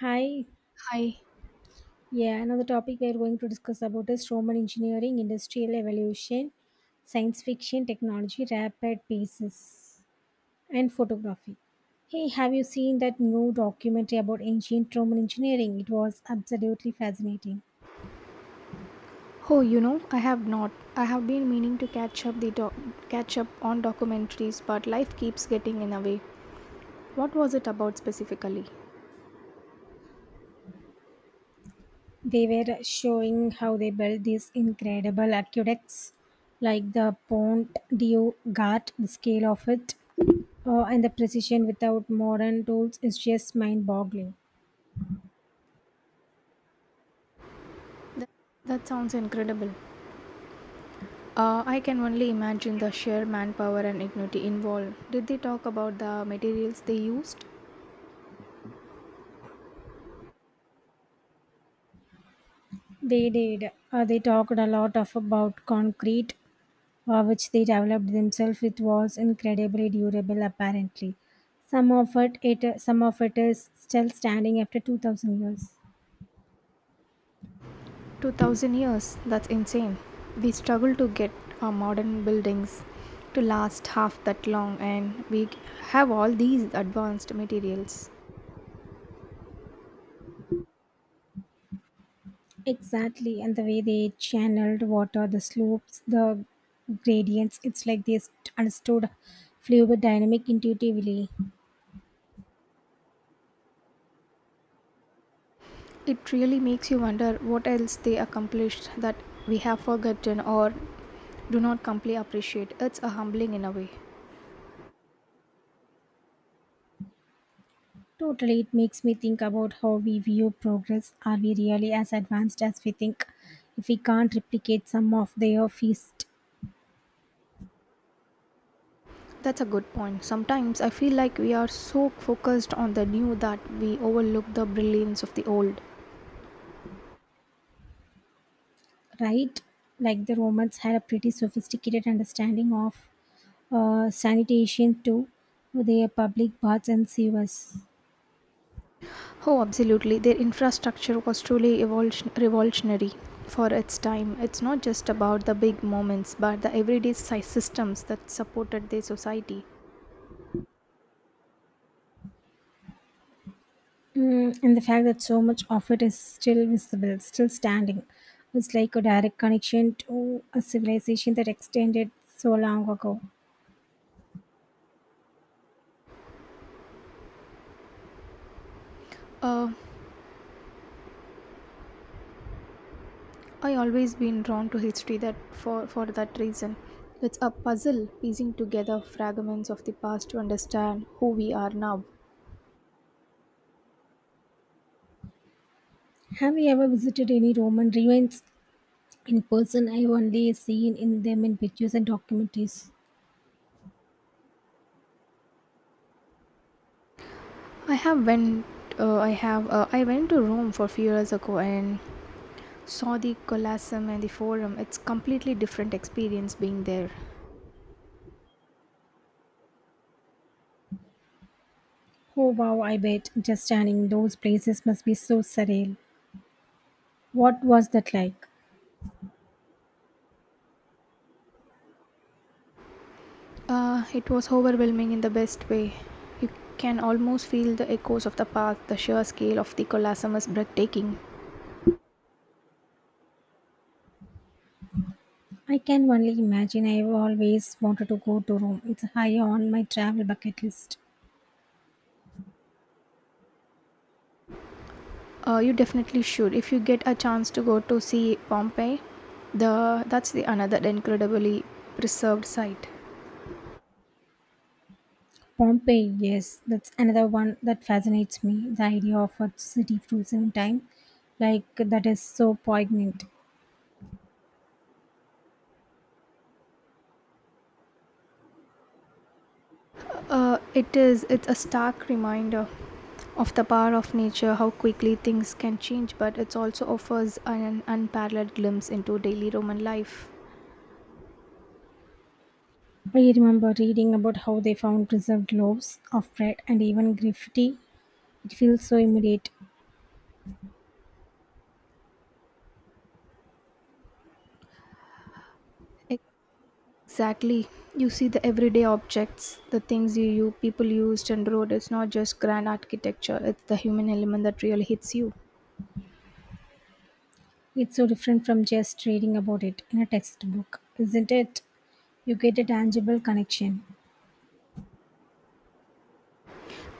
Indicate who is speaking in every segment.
Speaker 1: Hi,
Speaker 2: Hi.
Speaker 1: yeah, another topic we are going to discuss about is Roman engineering, industrial evolution, science fiction, technology, rapid paces, and photography. Hey, have you seen that new documentary about ancient Roman engineering? It was absolutely fascinating.
Speaker 2: Oh, you know, I have not. I have been meaning to catch up on documentaries, but life keeps getting in the way. What was it about specifically?
Speaker 1: They were showing how they built these incredible aqueducts, like the Pont du Gard. The scale of it, and the precision without modern tools is just mind boggling.
Speaker 2: That, that sounds incredible. I can only imagine the sheer manpower and ignity involved. Did they talk about the materials they used?
Speaker 1: They did. They talked a lot of about concrete, which they developed themselves. It was incredibly durable, apparently. Some of it is still standing after 2,000 years.
Speaker 2: 2000 years. That's insane. We struggle to get our modern buildings to last half that long, and we have all these advanced materials.
Speaker 1: Exactly, and the way they channeled water, the slopes, the gradients. It's like understood fluid dynamic intuitively.
Speaker 2: It really makes you wonder what else they accomplished that we have forgotten or do not completely appreciate. It's a humbling in a way.
Speaker 1: Totally, it makes me think about how we view progress. Are we really as advanced as we think? If we can't replicate some of their feast,
Speaker 2: That's a good point. Sometimes I feel like we are so focused on the new that we overlook the brilliance of the old.
Speaker 1: right? Like the Romans had a pretty sophisticated understanding of sanitation to their public baths and sewers.
Speaker 2: Oh, absolutely. Their infrastructure was truly revolutionary for its time. It's not just about the big moments, but the everyday systems that supported their society.
Speaker 1: Mm, and the fact that so much of it is still visible, still standing, was like a direct connection to a civilization that extended so long ago.
Speaker 2: Uh, I always been drawn to history that for that reason. It's a puzzle piecing together fragments of the past to understand who we are now.
Speaker 1: Have you ever visited any Roman ruins in person? I've only seen in them in pictures and documentaries.
Speaker 2: I have went. I went to Rome for few years ago and saw the Colosseum and the Forum. It's completely different experience being there.
Speaker 1: Oh wow, I bet just standing in those places must be so surreal. What was that like?
Speaker 2: It was overwhelming in the best way. You can almost feel the echoes of the past. The sheer scale of the Colosseum is breathtaking.
Speaker 1: I can only imagine. I've always wanted to go to Rome. It's high on my travel bucket list.
Speaker 2: You definitely should. If you get a chance to go to see Pompeii, the that's the another incredibly preserved site.
Speaker 1: Pompeii, yes, that's another one that fascinates me. The idea of a city frozen in time, like that, is so poignant.
Speaker 2: It's a stark reminder of the power of nature, how quickly things can change, but it also offers an unparalleled glimpse into daily Roman life.
Speaker 1: I remember reading about how they found preserved loaves of bread and even graffiti. It feels so immediate.
Speaker 2: Exactly. You see the everyday objects, the things you people used and wrote. It's not just grand architecture, it's the human element that really hits you.
Speaker 1: It's so different from just reading about it in a textbook, isn't it? You get a tangible connection.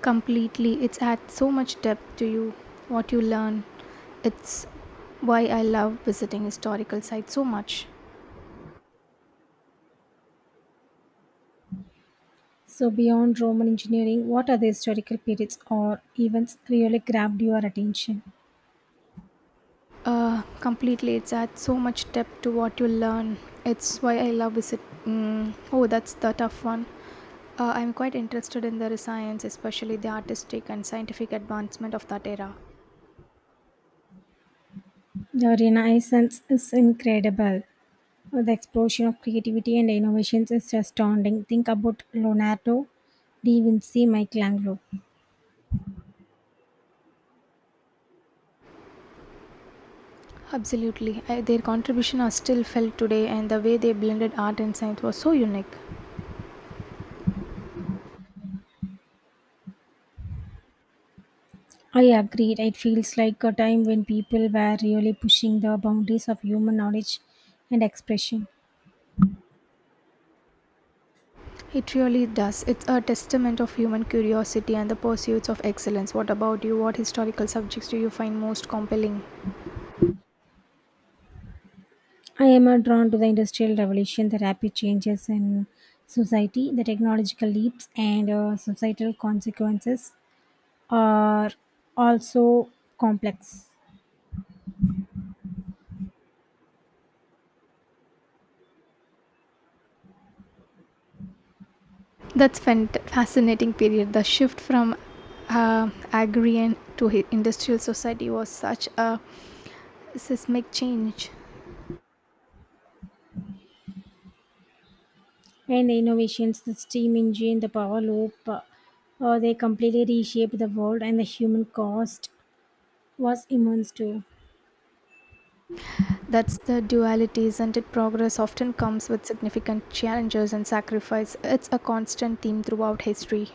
Speaker 2: Completely. It's adds so much depth to you, what you learn. It's why I love visiting historical sites so much.
Speaker 1: So, beyond Roman engineering, what other historical periods or events really grabbed your attention?
Speaker 2: Completely. It's adds so much depth to what you learn. It's why I love visit. Mm, oh, that's the tough one. I'm quite interested in the science, especially the artistic and scientific advancement of that era.
Speaker 1: The Renaissance is incredible. The explosion of creativity and innovations is astounding. Think about Leonardo da Vinci, Michelangelo.
Speaker 2: Absolutely. Their contribution are still felt today, and the way they blended art and science was so unique.
Speaker 1: I agree. It feels like a time when people were really pushing the boundaries of human knowledge and expression.
Speaker 2: It really does. It's a testament of human curiosity and the pursuits of excellence. What about you? What historical subjects do you find most compelling?
Speaker 1: I am drawn to the Industrial Revolution, the rapid changes in society, the technological leaps, and societal consequences are also complex.
Speaker 2: That's fascinating period. The shift from agrarian to industrial society was such a seismic change.
Speaker 1: And the innovations, the steam engine, the power loop, they completely reshaped the world, and the human cost was immense too.
Speaker 2: That's the duality, isn't it? Progress often comes with significant challenges and sacrifice. It's a constant theme throughout history.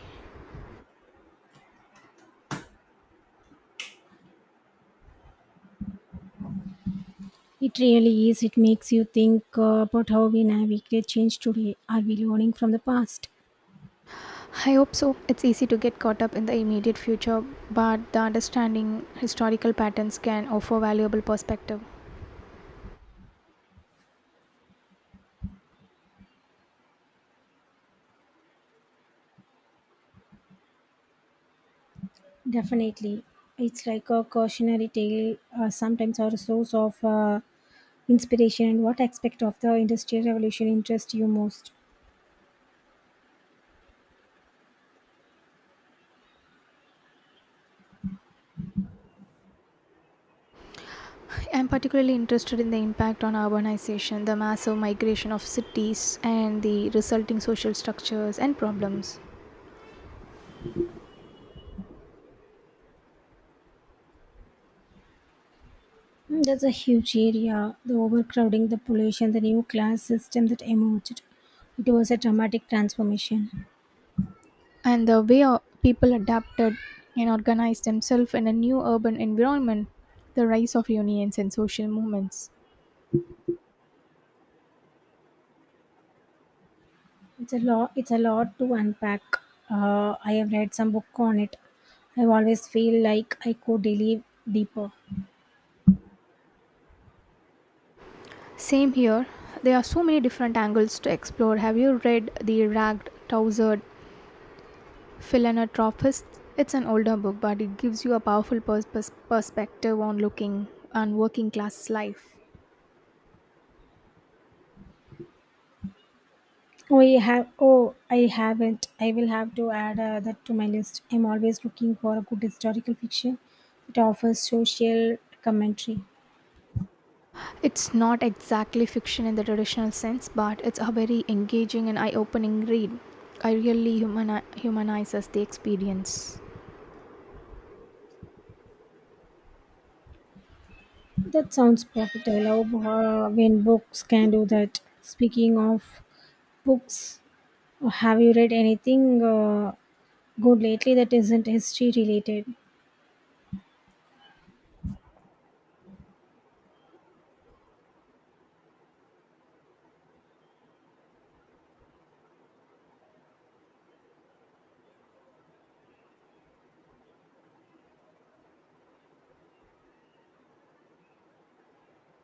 Speaker 1: It really is. It makes you think about how we navigate change today. Are we learning from the past?
Speaker 2: I hope so. It's easy to get caught up in the immediate future, but the understanding historical patterns can offer valuable perspective.
Speaker 1: Definitely. It's like a cautionary tale, sometimes our source of inspiration, and what aspect of the industrial revolution interests you most.
Speaker 2: I'm particularly interested in the impact on urbanization, the massive migration of cities, and the resulting social structures and problems,
Speaker 1: Mm, there's a huge area, the overcrowding, the pollution, the new class system that emerged. It was a dramatic transformation.
Speaker 2: and the way our people adapted and organized themselves in a new urban environment, the rise of unions and social movements.
Speaker 1: It's a lot. It's a lot to unpack. I have read some book on it. I always feel like I could delve deeper.
Speaker 2: Same here. There are so many different angles to explore. Have you read The Ragged, Tousered, Philanthropist, it's an older book, but it gives you a powerful perspective on looking and working class life.
Speaker 1: We have. Oh, I haven't. I will have to add that to my list. I'm always looking for a good historical fiction that offers social commentary.
Speaker 2: It's not exactly fiction in the traditional sense, but it's a very engaging and eye-opening read. I really humanizes the experience.
Speaker 1: That sounds perfect. I love when books can do that. Speaking of books, have you read anything good lately that isn't history related?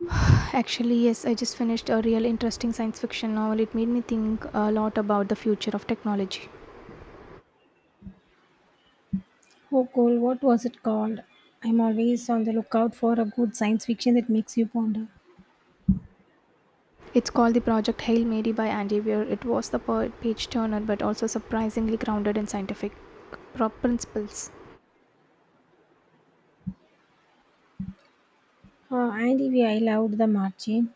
Speaker 2: Actually, yes, I just finished a real interesting science fiction novel. It made me think a lot about the future of technology.
Speaker 1: Oh, cool. What was it called? I'm always on the lookout for a good science fiction that makes you ponder.
Speaker 2: It's called the Project Hail Mary by Andy Weir. It was the page turner but also surprisingly grounded in scientific principles.
Speaker 1: And if I loved The Martian.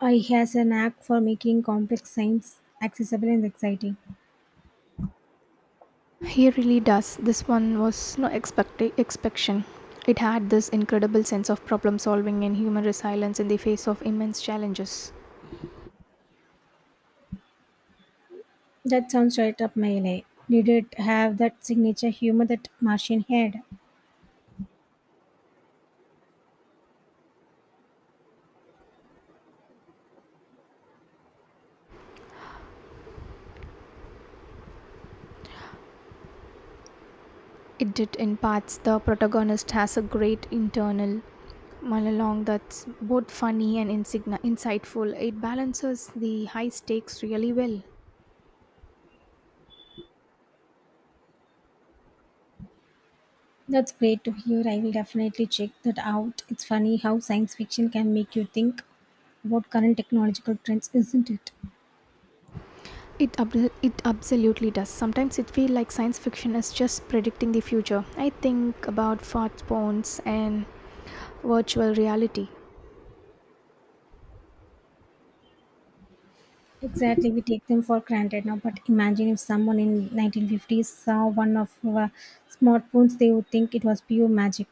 Speaker 1: I has a knack for making complex science accessible and exciting.
Speaker 2: He really does. This one was no expectation. It had this incredible sense of problem solving and human resilience in the face of immense challenges.
Speaker 1: That sounds right up my alley. Did it have that signature humor that Martian had?
Speaker 2: It did in parts. The protagonist has a great internal monologue that's both funny and insightful. It balances the high stakes really well.
Speaker 1: That's great to hear. I will definitely check that out. It's funny how science fiction can make you think about current technological trends, isn't it?
Speaker 2: It absolutely does. Sometimes it feels like science fiction is just predicting the future. I think about smartphones and virtual reality.
Speaker 1: Exactly, we take them for granted now. But imagine if someone in 1950s saw one of our smartphones, they would think it was pure magic.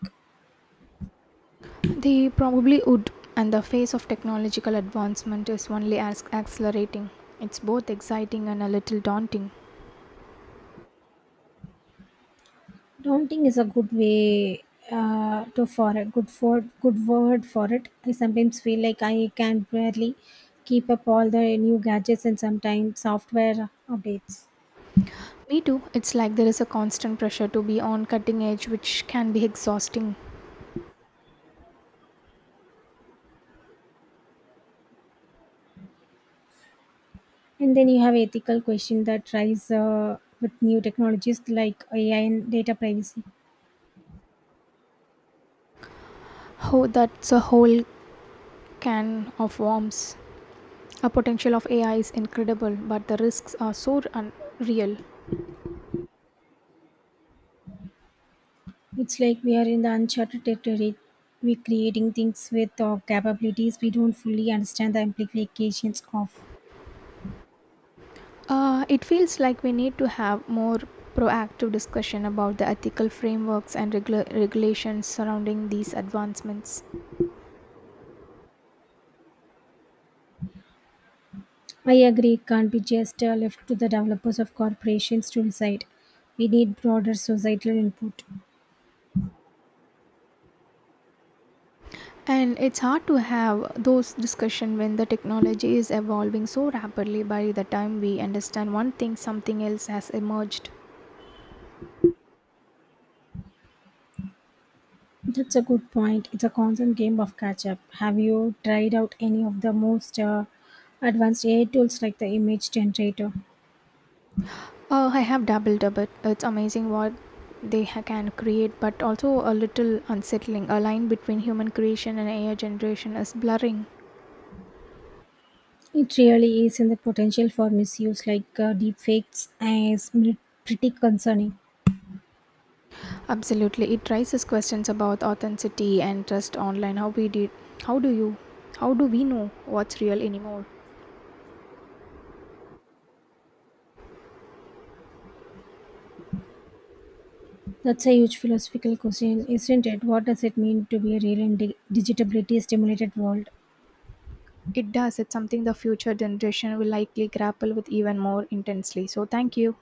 Speaker 2: They probably would, and the pace of technological advancement is only as accelerating. It's both exciting and a little daunting.
Speaker 1: Daunting is a good way to for a good word for it. I sometimes feel like I can barely keep up all the new gadgets and sometimes software updates.
Speaker 2: Me too. It's like there is a constant pressure to be on cutting edge, which can be exhausting.
Speaker 1: And then you have ethical question that rise with new technologies like AI and data privacy.
Speaker 2: Oh, that's a whole can of worms. A potential of AI is incredible, but the risks are so unreal.
Speaker 1: It's like we are in the uncharted territory. We're creating things with capabilities we don't fully understand the implications of.
Speaker 2: It feels like we need to have more proactive discussion about the ethical frameworks and regulations surrounding these advancements.
Speaker 1: I agree, it can't be just left to the developers of corporations to decide. We need broader societal input.
Speaker 2: And it's hard to have those discussions when the technology is evolving so rapidly by the time we understand one thing, something else has emerged.
Speaker 1: That's a good point. It's a constant game of catch up. Have you tried out any of the most advanced AI tools like the image generator?
Speaker 2: I have dabbled a bit. It's amazing what can create, but also a little unsettling. A line between human creation and AI generation is blurring.
Speaker 1: It really is, and the potential for misuse like deepfakes pretty concerning.
Speaker 2: Absolutely, it raises questions about authenticity and trust online. How we did, how do you, How do we know what's real anymore?
Speaker 1: That's a huge philosophical question, isn't it? What does it mean to be a real and digitability stimulated world?
Speaker 2: It does. It's something the future generation will likely grapple with even more intensely. So, thank you.